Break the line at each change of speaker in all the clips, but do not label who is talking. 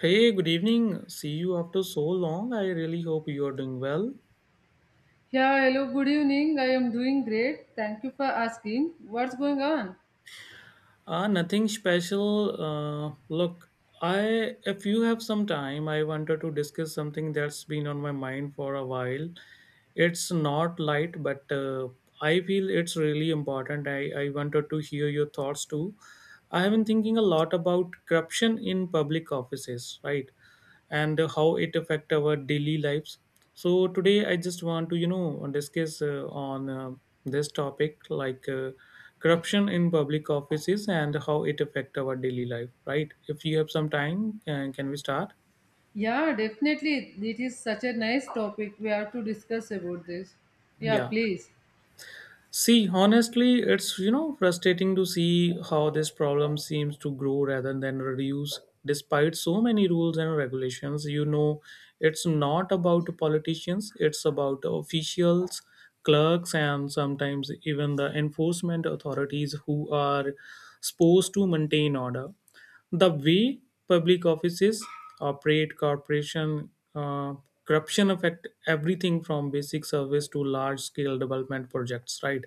Hey, good evening. See you after so long. I really hope you are doing well.
Yeah, hello, good evening. I am doing great. Thank you for asking. What's going on?
Nothing special. Uh, look, I if you have some time, I wanted to discuss something that's been on my mind for a while. It's not light, but I feel it's really important. I wanted to hear your thoughts too. I have been thinking a lot about corruption in public offices, right? And how it affect our daily lives, so today I just want to discuss on this topic like corruption in public offices and how it affect our daily life, right? If you have some time, can we start?
Yeah, definitely. It is such a nice topic. We have to discuss about this. Yeah,
Yeah.
please.
See, honestly, it's frustrating to see how this problem seems to grow rather than reduce despite so many rules and regulations. You know, it's not about politicians, it's about officials, clerks, and sometimes even the enforcement authorities who are supposed to maintain order. The way public offices operate, corporation corruption affect everything from basic service to large scale development projects, right?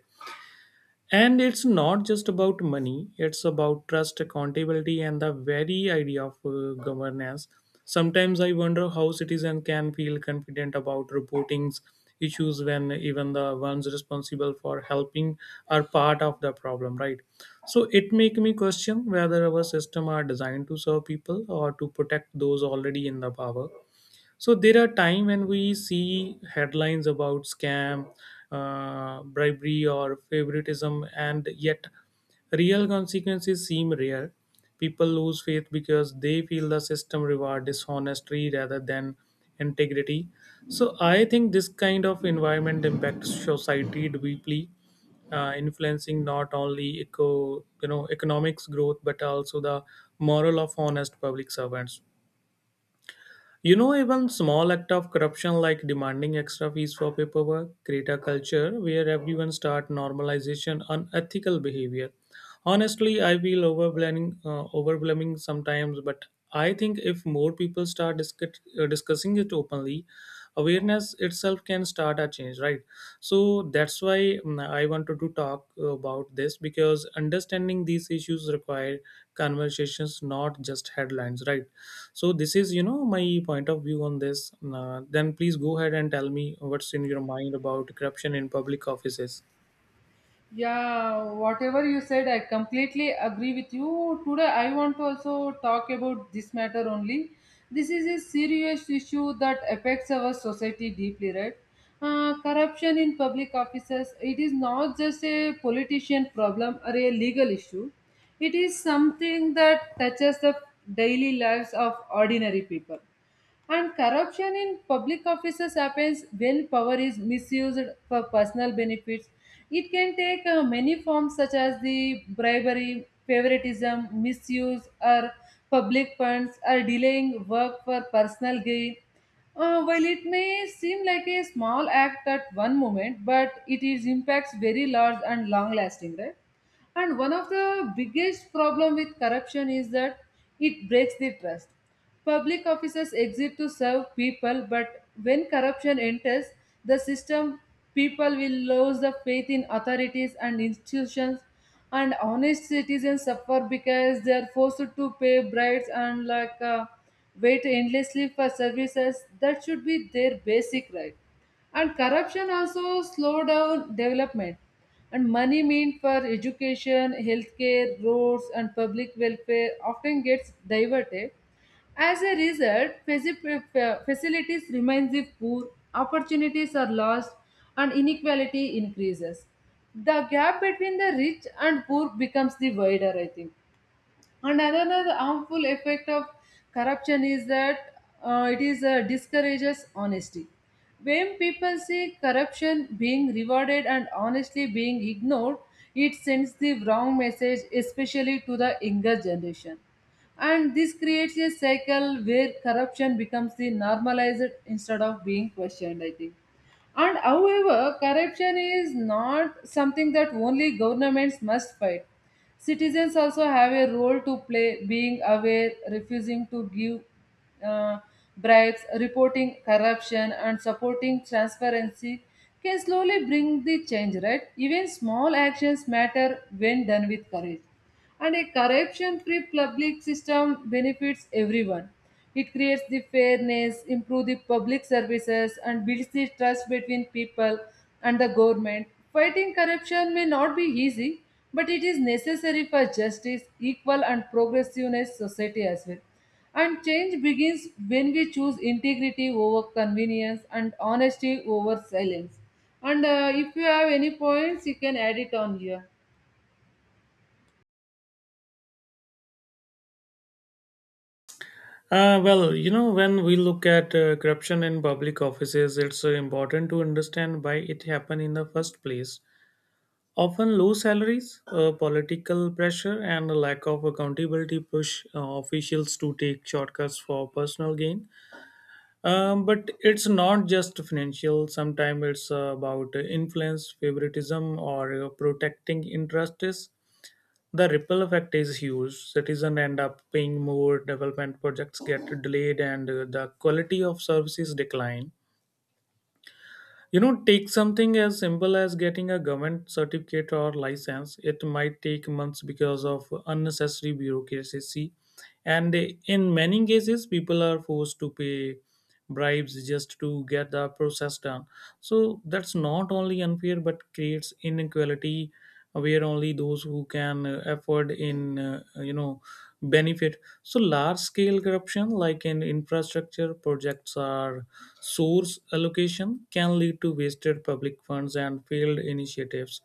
And it's not just about money, it's about trust, accountability, and the very idea of governance. Sometimes I wonder how citizens can feel confident about reporting issues when even the ones responsible for helping are part of the problem, right? So it make me question whether our system are designed to serve people or to protect those already in the power. So there are times when we see headlines about scam, bribery, or favoritism, and yet real consequences seem rare. People lose faith because they feel the system reward dishonesty rather than integrity. So I think this kind of environment impacts society deeply, influencing not only economics growth but also the moral of honest public servants. You know, even small act of corruption like demanding extra fees for paperwork create a culture where everyone start normalization unethical behavior. Honestly, I feel overwhelming sometimes, but I think if more people start discussing it openly, awareness itself can start a change, right? So that's why I wanted to talk about this because understanding these issues require conversations, not just headlines, right? So this is my point of view on this. Then please go ahead and tell me what's in your mind about corruption in public offices.
Yeah, whatever you said, I completely agree with you. Today, I want to also talk about this matter only. This is a serious issue that affects our society deeply, right? Corruption in public offices, it is not just a politician problem or a legal issue. It is something that touches the daily lives of ordinary people, and corruption in public offices happens when power is misused for personal benefits. It can take many forms, such as the bribery, favoritism, misuse, or public funds, or delaying work for personal gain. While it may seem like a small act at one moment, but it is impacts very large and long lasting, right? And one of the biggest problem with corruption is that it breaks the trust. Public officers exist to serve people, but when corruption enters the system, people will lose the faith in authorities and institutions, and honest citizens suffer because they are forced to pay bribes and like wait endlessly for services that should be their basic right. And corruption also slow down development, and money meant for education, healthcare, roads, and public welfare often gets diverted. As a result, facilities remain if poor, opportunities are lost, and inequality increases. The gap between the rich and poor becomes the wider, I think. And another harmful effect of corruption is that it is discourages honesty. When people see corruption being rewarded and honestly being ignored, it sends the wrong message, especially to the younger generation. And this creates a cycle where corruption becomes the normalized instead of being questioned, I think. And however, corruption is not something that only governments must fight. Citizens also have a role to play, being aware, refusing to give uh, bribes, reporting corruption, and supporting transparency can slowly bring the change, right? Even small actions matter when done with courage. And a corruption free public system benefits everyone. It creates the fairness, improves the public services, and builds the trust between people and the government. Fighting corruption may not be easy, but it is necessary for justice, equal, and progressiveness society as well. And change begins when we choose integrity over convenience and honesty over silence. And if you have any points, you can add it on here.
Well, when we look at corruption in public offices, it's important to understand why it happened in the first place. Often low salaries, political pressure, and a lack of accountability push officials to take shortcuts for personal gain. But it's not just financial. Sometimes it's about influence, favoritism, or protecting interests. The ripple effect is huge. Citizens end up paying more, development projects get delayed, and the quality of services decline. You know, take something as simple as getting a government certificate or license. It might take months because of unnecessary bureaucracy, and in many cases people are forced to pay bribes just to get the process done. So that's not only unfair but creates inequality, where only those who can afford in benefit. So large scale corruption like in infrastructure projects or source allocation can lead to wasted public funds and failed initiatives.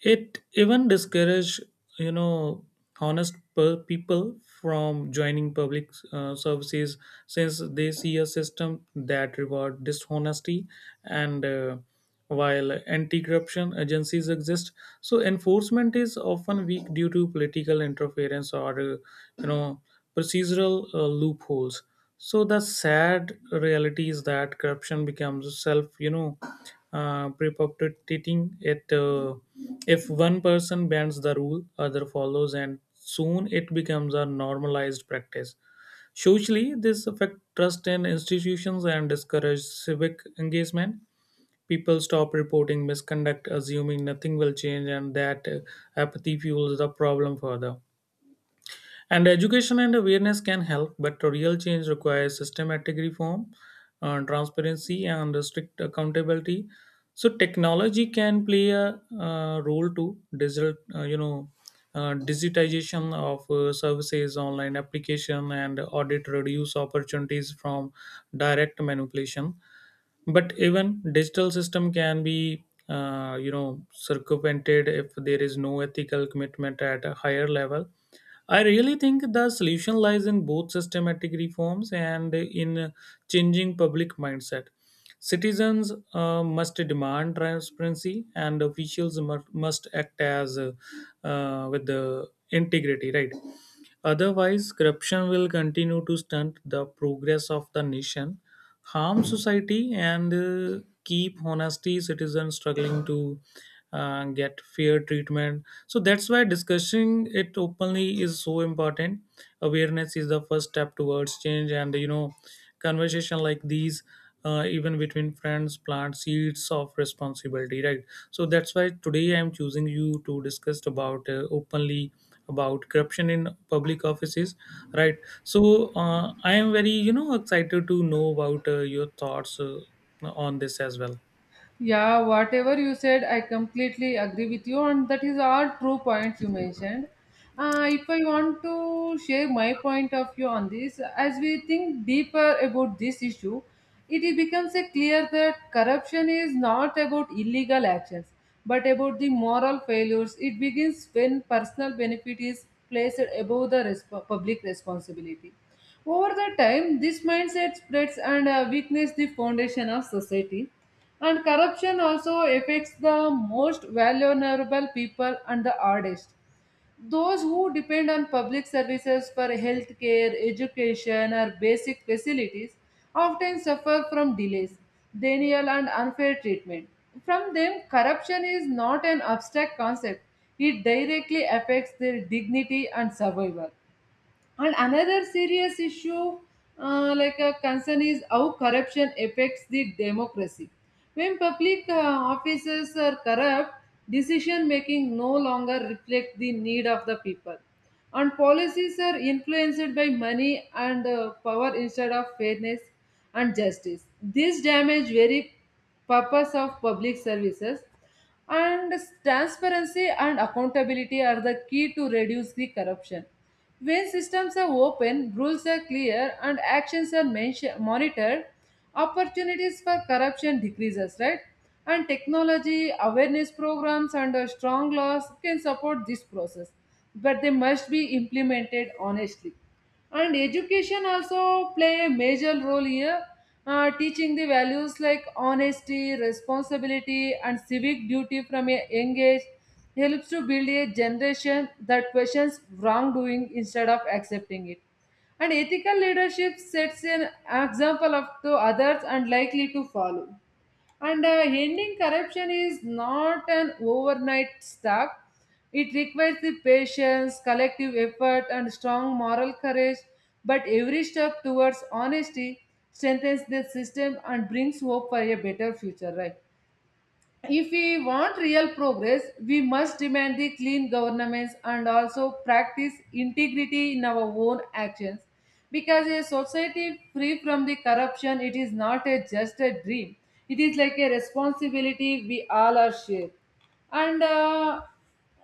It even discourage you know people from joining public services, since they see a system that reward dishonesty. And while anti-corruption agencies exist, so enforcement is often weak due to political interference or you know procedural loopholes. So the sad reality is that corruption becomes perpetuating it. If one person bends the rule, other follows, and soon it becomes a normalized practice. Socially, this affects trust in institutions and discourages civic engagement. People stop reporting misconduct, assuming nothing will change, and that apathy fuels the problem further. And education and awareness can help, but real change requires systematic reform, transparency, and strict accountability. So technology can play a role to digitization of services, online application, and audit reduce opportunities from direct manipulation. But even digital system can be, circumvented if there is no ethical commitment at a higher level. I really think the solution lies in both systematic reforms and in changing public mindset. Citizens must demand transparency, and officials must act as with the integrity. Right. Otherwise, corruption will continue to stunt the progress of the nation, harm society, and keep honesty citizens struggling to get fair treatment. So that's why discussing it openly is so important. Awareness is the first step towards change, and conversation like these, even between friends, plant seeds of responsibility, right? So that's why today I'm choosing you to discuss about openly about corruption in public offices, right? So I am very excited to know about your thoughts on this as well.
Yeah, whatever you said, I completely agree with you, and that is all true points you mentioned. If I want to share my point of view on this, as we think deeper about this issue, it becomes a clear that corruption is not about illegal actions, but about the moral failures. It begins when personal benefit is placed above the public responsibility. Over the time, this mindset spreads and weakens the foundation of society. And corruption also affects the most vulnerable people and the hardest. Those who depend on public services for healthcare, education, or basic facilities often suffer from delays, denial, and unfair treatment. From them, corruption is not an abstract concept, it directly affects their dignity and survival. And another serious issue, like a concern, is how corruption affects the democracy. When public officers are corrupt, decision making no longer reflects the need of the people, and policies are influenced by money and power instead of fairness and justice. This damage very purpose of public services, and transparency and accountability are the key to reduce the corruption. When systems are open, rules are clear, and actions are monitored, opportunities for corruption decreases, right? And technology, awareness programs, and strong laws can support this process, but they must be implemented honestly. And education also play a major role here. Teaching the values like honesty, responsibility, and civic duty from a young age helps to build a generation that questions wrongdoing instead of accepting it. And ethical leadership sets an example of to others and likely to follow. And ending corruption is not an overnight task. It requires the patience, collective effort, and strong moral courage. But every step towards honesty strengthens the system and brings hope for a better future, right? If we want real progress, we must demand the clean governments and also practice integrity in our own actions. Because a society free from the corruption, it is not a just a dream. It is like a responsibility we all are shared. And uh,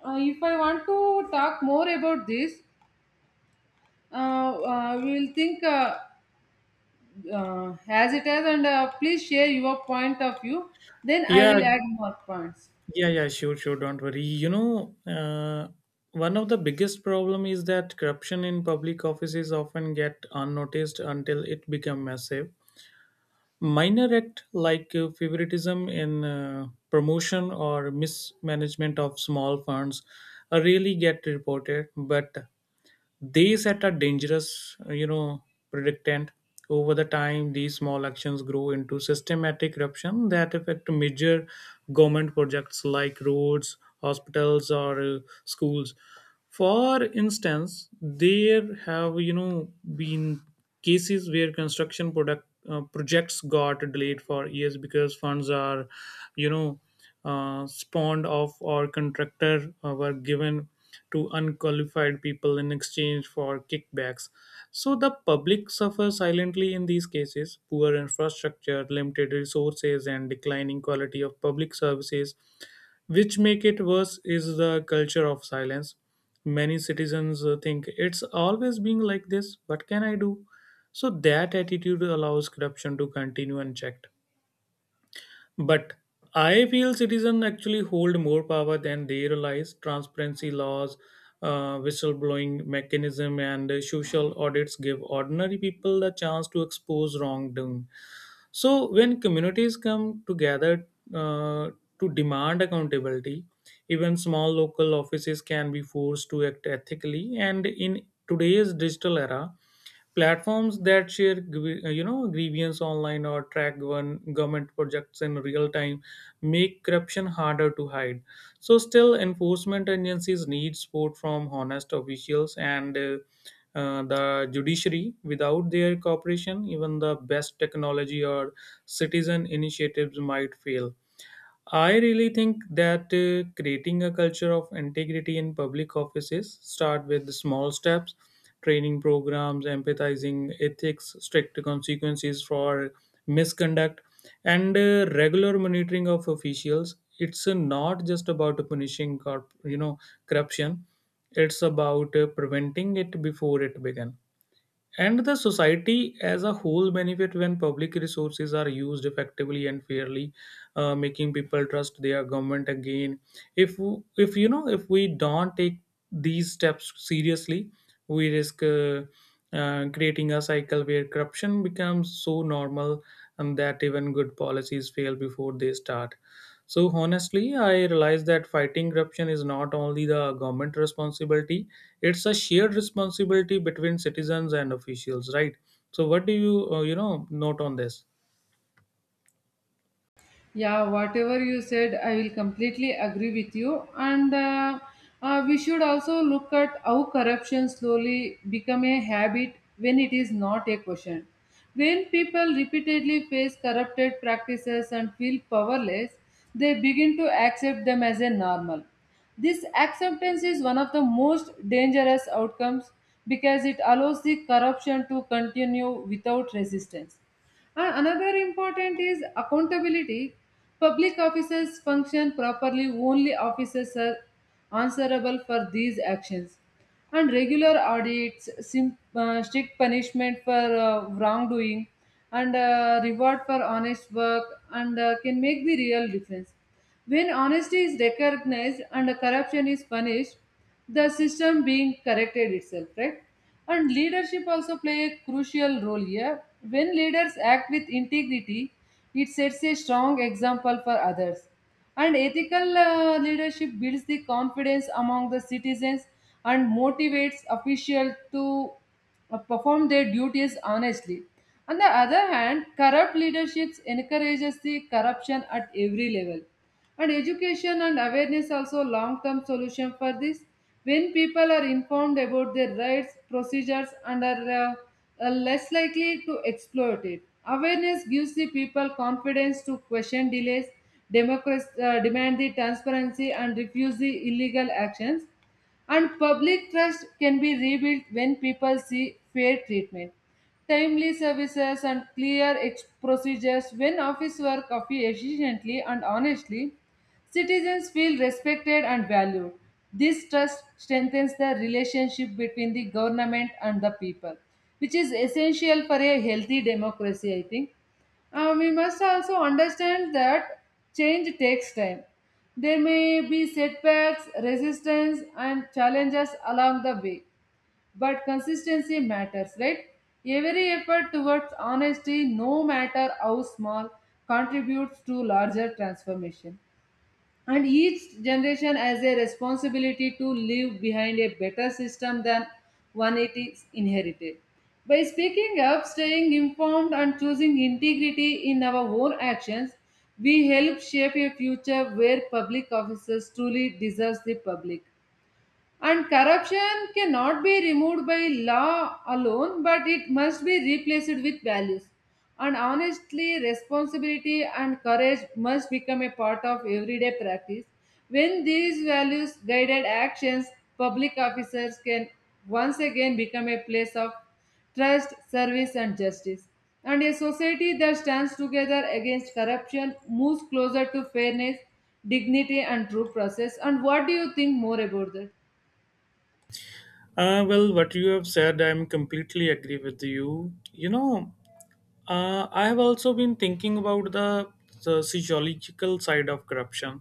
uh, if I want to talk more about this, we will think as it is, and please share your point of view. Then I
Yeah.
will add more points.
Yeah. Sure. Don't worry. One of the biggest problem is that corruption in public offices often get unnoticed until it become massive. Minor act like favoritism in promotion or mismanagement of small funds really get reported, but they set a dangerous predictant. Over the time these small actions grow into systematic corruption that affect major government projects like roads, hospitals, or schools. For instance, there have been cases where construction product projects got delayed for years because funds are you know spawned off, or contractor were given to unqualified people in exchange for kickbacks. So the public suffers silently in these cases: poor infrastructure, limited resources, and declining quality of public services. Which make it worse is the culture of silence. Many citizens think it's always being like this, what can I do. So that attitude allows corruption to continue unchecked. But I feel citizens actually hold more power than they realize. Transparency laws, whistleblowing mechanism, and social audits give ordinary people the chance to expose wrongdoing. So, when communities come together uh, to demand accountability, even small local offices can be forced to act ethically. And in today's digital era, platforms that share grievance online or track one government projects in real time make corruption harder to hide. So still enforcement agencies need support from honest officials and the judiciary. Without their cooperation, even the best technology or citizen initiatives might fail. I really think that creating a culture of integrity in public offices start with small steps, training programs, empathizing ethics, strict consequences for misconduct, and regular monitoring of officials. It's not just about punishing corruption; it's about preventing it before it begins, and the society as a whole benefit when public resources are used effectively and fairly, making people trust their government again. If if you know if we don't take these steps seriously, we risk creating a cycle where corruption becomes so normal and that even good policies fail before they start. So honestly, I realize that fighting corruption is not only the government responsibility, it's a shared responsibility between citizens and officials, right? So what do you, note on this?
Yeah, whatever you said, I will completely agree with you. And we should also look at how corruption slowly become a habit when it is not a question. When people repeatedly face corrupted practices and feel powerless, they begin to accept them as a normal. This acceptance is one of the most dangerous outcomes because it allows the corruption to continue without resistance. And another important is accountability. Public officers function properly only officers are answerable for these actions. And regular audits, strict punishment for wrongdoing, and reward for honest work and can make the real difference. When honesty is recognized and corruption is punished, the system being corrected itself, right? And leadership also play a crucial role here. When leaders act with integrity, it sets a strong example for others. And ethical leadership builds the confidence among the citizens and motivates officials to perform their duties honestly. On the other hand, corrupt leaderships encourages the corruption at every level. And education and awareness also long term solution for this. When people are informed about their rights procedures and are less likely to exploit it, awareness gives the people confidence to question delays, democracy, demand the transparency, and refuse the illegal actions. And public trust can be rebuilt when people see fair treatment, timely services, and clear procedures. When office work efficiently and honestly, citizens feel respected and valued. This trust strengthens the relationship between the government and the people, which is essential for a healthy democracy, I think. We must also understand that change takes time. There may be setbacks, resistance, and challenges along the way, but consistency matters, right? Every effort towards honesty, no matter how small, contributes to larger transformation. And each generation has a responsibility to leave behind a better system than one it is inherited. By speaking up, staying informed, and choosing integrity in our own actions, we help shape a future where public officers truly deserve the public. And corruption cannot be removed by law alone, but it must be replaced with values. And honestly, responsibility and courage must become a part of everyday practice. When these values guided actions, public officers can once again become a place of trust, service, and justice. And a society that stands together against corruption moves closer to fairness, dignity, and true process. And what do you think more about that?
Well, what you have said, I'm completely agree with you. You know, I have also been thinking about the sociological side of corruption.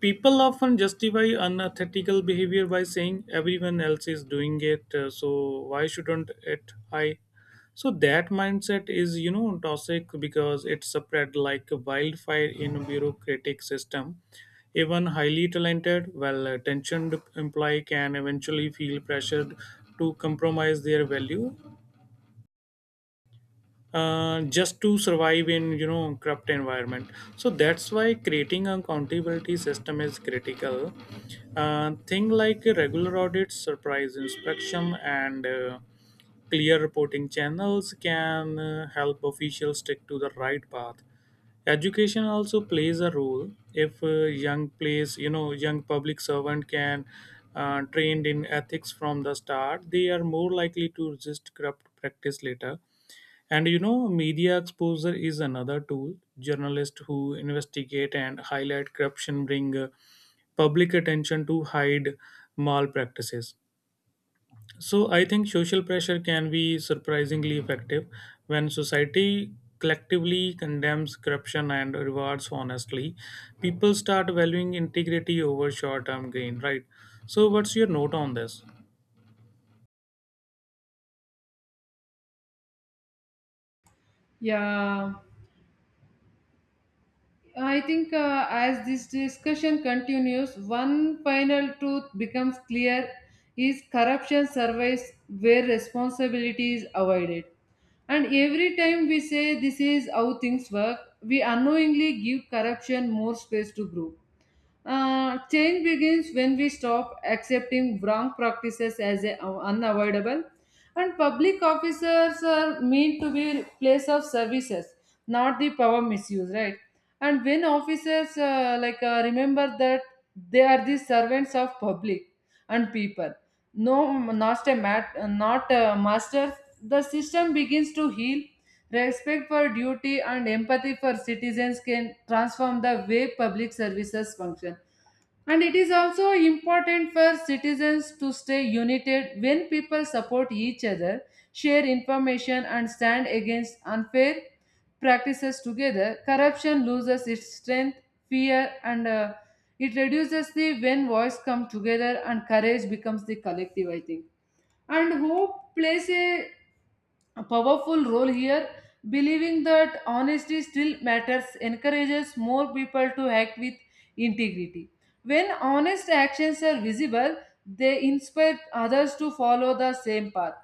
People often justify unethical behavior by saying everyone else is doing it, so why shouldn't it i. So that mindset is toxic because it spread like a wildfire in a bureaucratic system. Even highly talented, well attentioned employee can eventually feel pressured to compromise their value, just to survive in corrupt environment. So that's why creating a accountability system is critical. Thing like regular audits, surprise inspection, and clear reporting channels can help officials stick to the right path. Education also plays a role. If young place you know young public servant can trained in ethics from the start, they are more likely to resist corrupt practice later. And you know, media exposure is another tool. Journalists who investigate and highlight corruption bring public attention to hide malpractices. So I think social pressure can be surprisingly effective when society collectively condemns corruption and rewards honestly. People start valuing integrity over short-term gain, right? So what's your note on this?
Yeah, I think as this discussion continues, one final truth becomes clear is corruption survives where responsibility is avoided. And every time we say this is how things work, we unknowingly give corruption more space to grow. Change begins when we stop accepting wrong practices as a, unavoidable, and public officers are meant to be place of services, not the power misuse, right? And when officers remember that they are the servants of public and people, no, not a mat, not a master, the system begins to heal. Respect for duty and empathy for citizens can transform the way public services function. And it is also important for citizens to stay united when people support each other, share information, and stand against unfair practices together. Corruption loses its strength, fear, and it reduces the when voice come together and courage becomes the collective, I think. And hope plays a powerful role here. Believing that honesty still matters encourages more people to act with integrity. When honest actions are visible, they inspire others to follow the same path.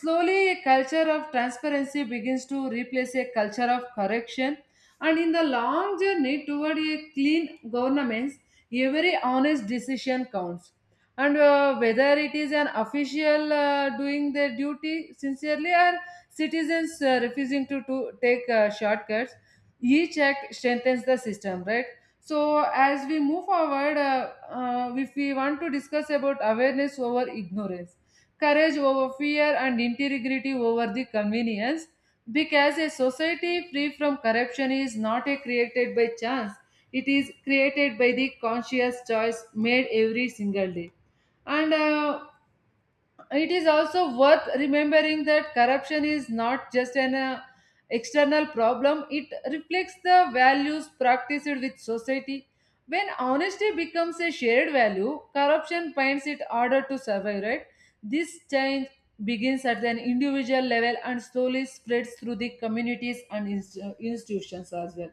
Slowly, a culture of transparency begins to replace a culture of correction, and in the long journey toward a clean governance, every honest decision counts. And Whether it is an official doing their duty sincerely, or citizens refusing to take shortcuts, each act strengthens the system, right? So as we move forward, if we want to discuss about awareness over ignorance, courage over fear, and integrity over the convenience. Because a society free from corruption is not a created by chance, it is created by the conscious choice made every single day. And It is also worth remembering that corruption is not just an external problem, it reflects the values practiced with society. When honesty becomes a shared value, corruption finds it harder to survive, right? This change begins at an individual level and slowly spreads through the communities and institutions as well.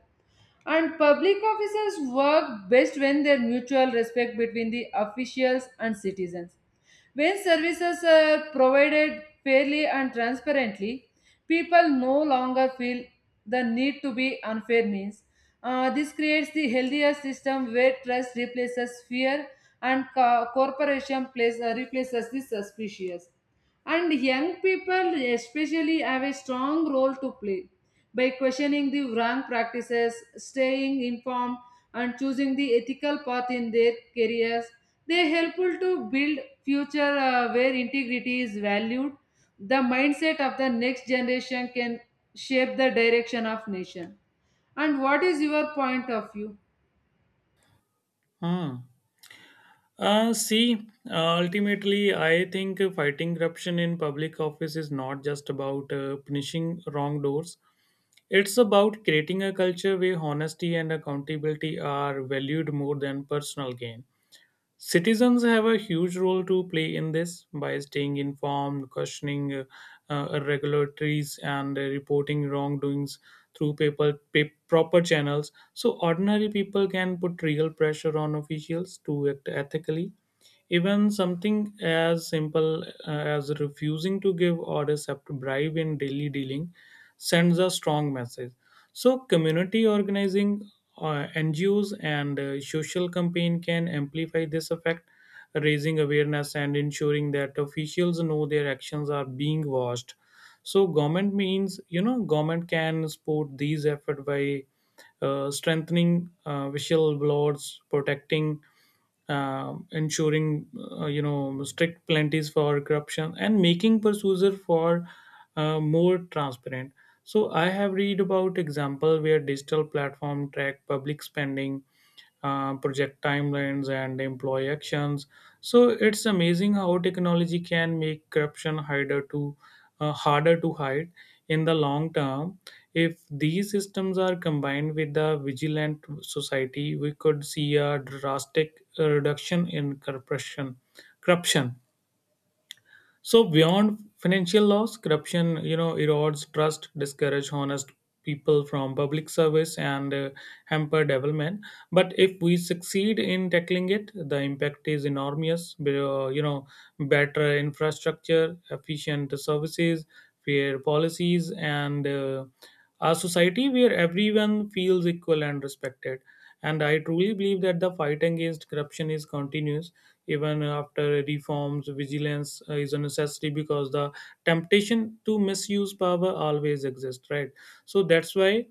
And public officers work best when there mutual respect between the officials and citizens. When services are provided fairly and transparently, people no longer feel the need to be unfair means. This creates the healthier system where trust replaces fear and corporation place, replaces the suspicious. And young people, especially, have a strong role to play by questioning the wrong practices, staying informed, and choosing the ethical path in their careers. They helpful to build future where integrity is valued. The mindset of the next generation can shape the direction of nation. And what is your point of view?
Hmm. See, ultimately, I think fighting corruption in public office is not just about punishing wrongdoers. It's about creating a culture where honesty and accountability are valued more than personal gain. Citizens have a huge role to play in this by staying informed, questioning irregularities, and reporting wrongdoings through proper channels. So, ordinary people can put real pressure on officials to act ethically, even something as simple as refusing to give or accept bribe in daily dealing sends a strong message. So, community organizing, NGOs, and social campaign can amplify this effect, raising awareness and ensuring that officials know their actions are being watched. So, government means you know, government can support these efforts by strengthening whistle blowers, protecting ensuring strict penalties for corruption and making pursuer for more transparent. So I have read about example where digital platform track public spending, project timelines and employee actions. So it's amazing how technology can make corruption harder to harder to hide in the long term. If these systems are combined with the vigilant society, we could see a drastic reduction in corruption. So beyond financial loss, corruption erodes trust, discourage honest people from public service, and hamper development. But if we succeed in tackling it, the impact is enormous. Better infrastructure, efficient services, fair policies, and a society where everyone feels equal and respected. And I truly believe that the fight against corruption is continuous even after reforms. Vigilance is a necessity because the temptation to misuse power always exists, right? So that's why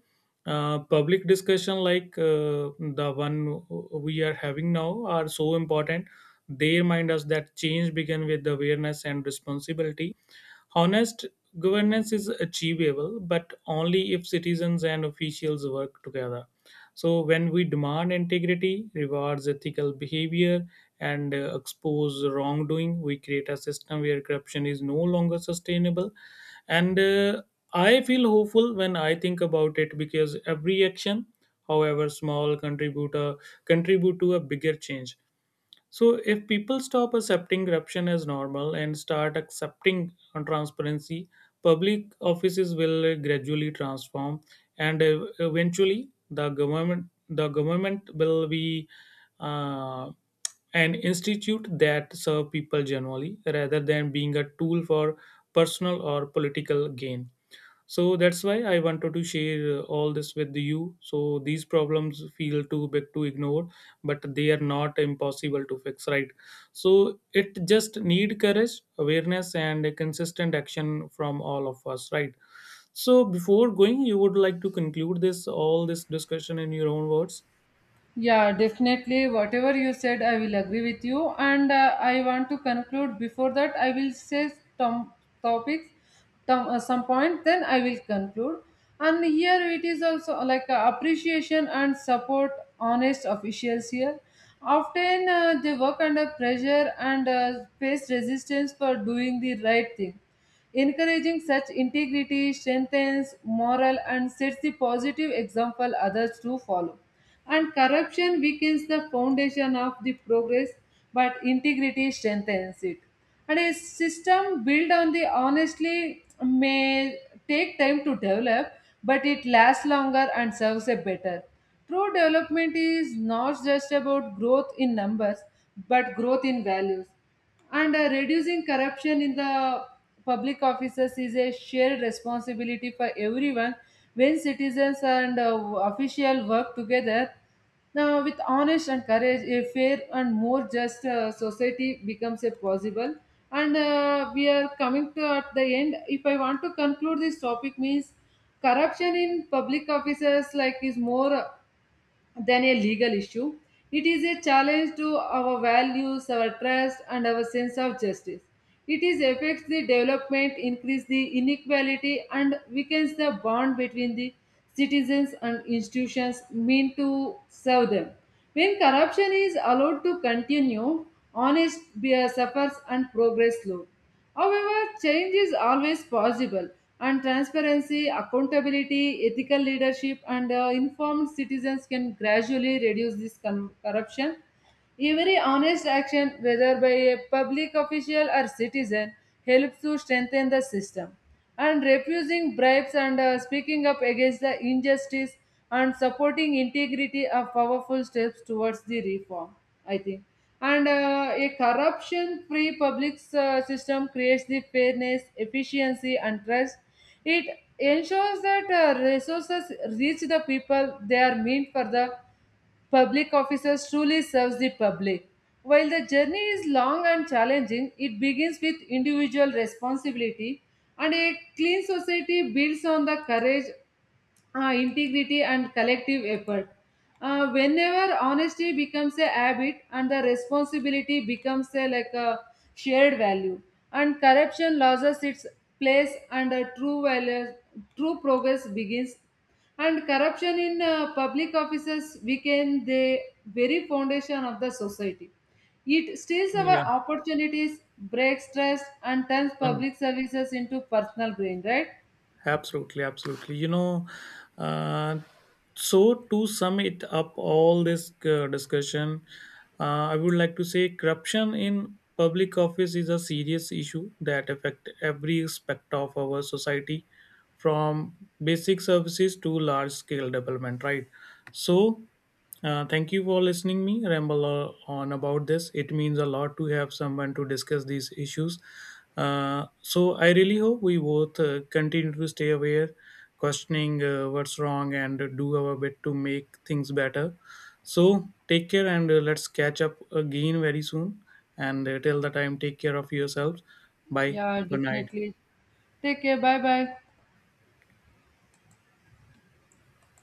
public discussion like the one we are having now are so important. They remind us that change begins with awareness and responsibility. Honest governance is achievable, but only if citizens and officials work together. So, when we demand integrity, rewards ethical behavior, and expose wrongdoing, we create a system where corruption is no longer sustainable. And I feel hopeful when I think about it because every action, however small, contribute to a bigger change. So if people stop accepting corruption as normal and start accepting transparency, public offices will gradually transform, and eventually the government will be uh, an institute that serve people generally rather than being a tool for personal or political gain. So that's why I wanted to share all this with you. So these problems feel too big to ignore, but they are not impossible to fix, right? So it just need courage, awareness and a consistent action from all of us, right? So before going, you would like to conclude this all this discussion in your own words.
Yeah, definitely. Whatever you said, I will agree with you. And I want to conclude. Before that, I will say some topics, some point, then I will conclude. And here it is also like appreciation and support honest officials here. Often they work under pressure and face resistance for doing the right thing. Encouraging such integrity strengthens morale and sets the positive example others to follow. And corruption weakens the foundation of the progress, but integrity strengthens it. And a system built on the honestly may take time to develop, but it lasts longer and serves a better. True development is not just about growth in numbers, but growth in values. And Reducing corruption in the public offices is a shared responsibility for everyone when citizens and official work together. Now, with honest and courage, a fair and more just society becomes a possible. And We are coming to at the end. If I want to conclude this topic, means corruption in public offices like is more than a legal issue. It is a challenge to our values, our trust, and our sense of justice. It is affects the development, increase the inequality, and weakens the bond between the citizens and institutions meant to serve them. When corruption is allowed to continue, honest beer suffers and progress slow. However, change is always possible, and transparency, accountability, ethical leadership, and informed citizens can gradually reduce this corruption. Every honest action, whether by a public official or citizen, helps to strengthen the system. And refusing bribes and speaking up against the injustice and supporting integrity are powerful steps towards the reform, I think. And A corruption free public system creates the fairness, efficiency, and trust. It ensures that resources reach the people they are meant for the public officers truly serves the public. While the journey is long and challenging, it begins with individual responsibility and a clean society builds on the courage, integrity and collective effort. Whenever honesty becomes a habit and the responsibility becomes a like a shared value, and corruption loses its place and a true value, true progress begins. And corruption in public offices weaken the very foundation of the society. It steals our
Yeah.
opportunities, breaks trust, and turns
Uh,
public services into personal gain, right?
Absolutely, absolutely. Uh, so to sum it up, all this discussion, I would like to say corruption in public office is a serious issue that affect every aspect of our society, from basic services to large scale development. Right. So thank you for listening me ramble on about this. It means a lot to have someone to discuss these issues. So I really hope we both continue to stay aware, questioning what's wrong, and do our bit to make things better. So take care and let's catch up again very soon. And till the time, take care of yourselves. Bye.
Yeah,
Good night.
definitely. Take care. Bye bye.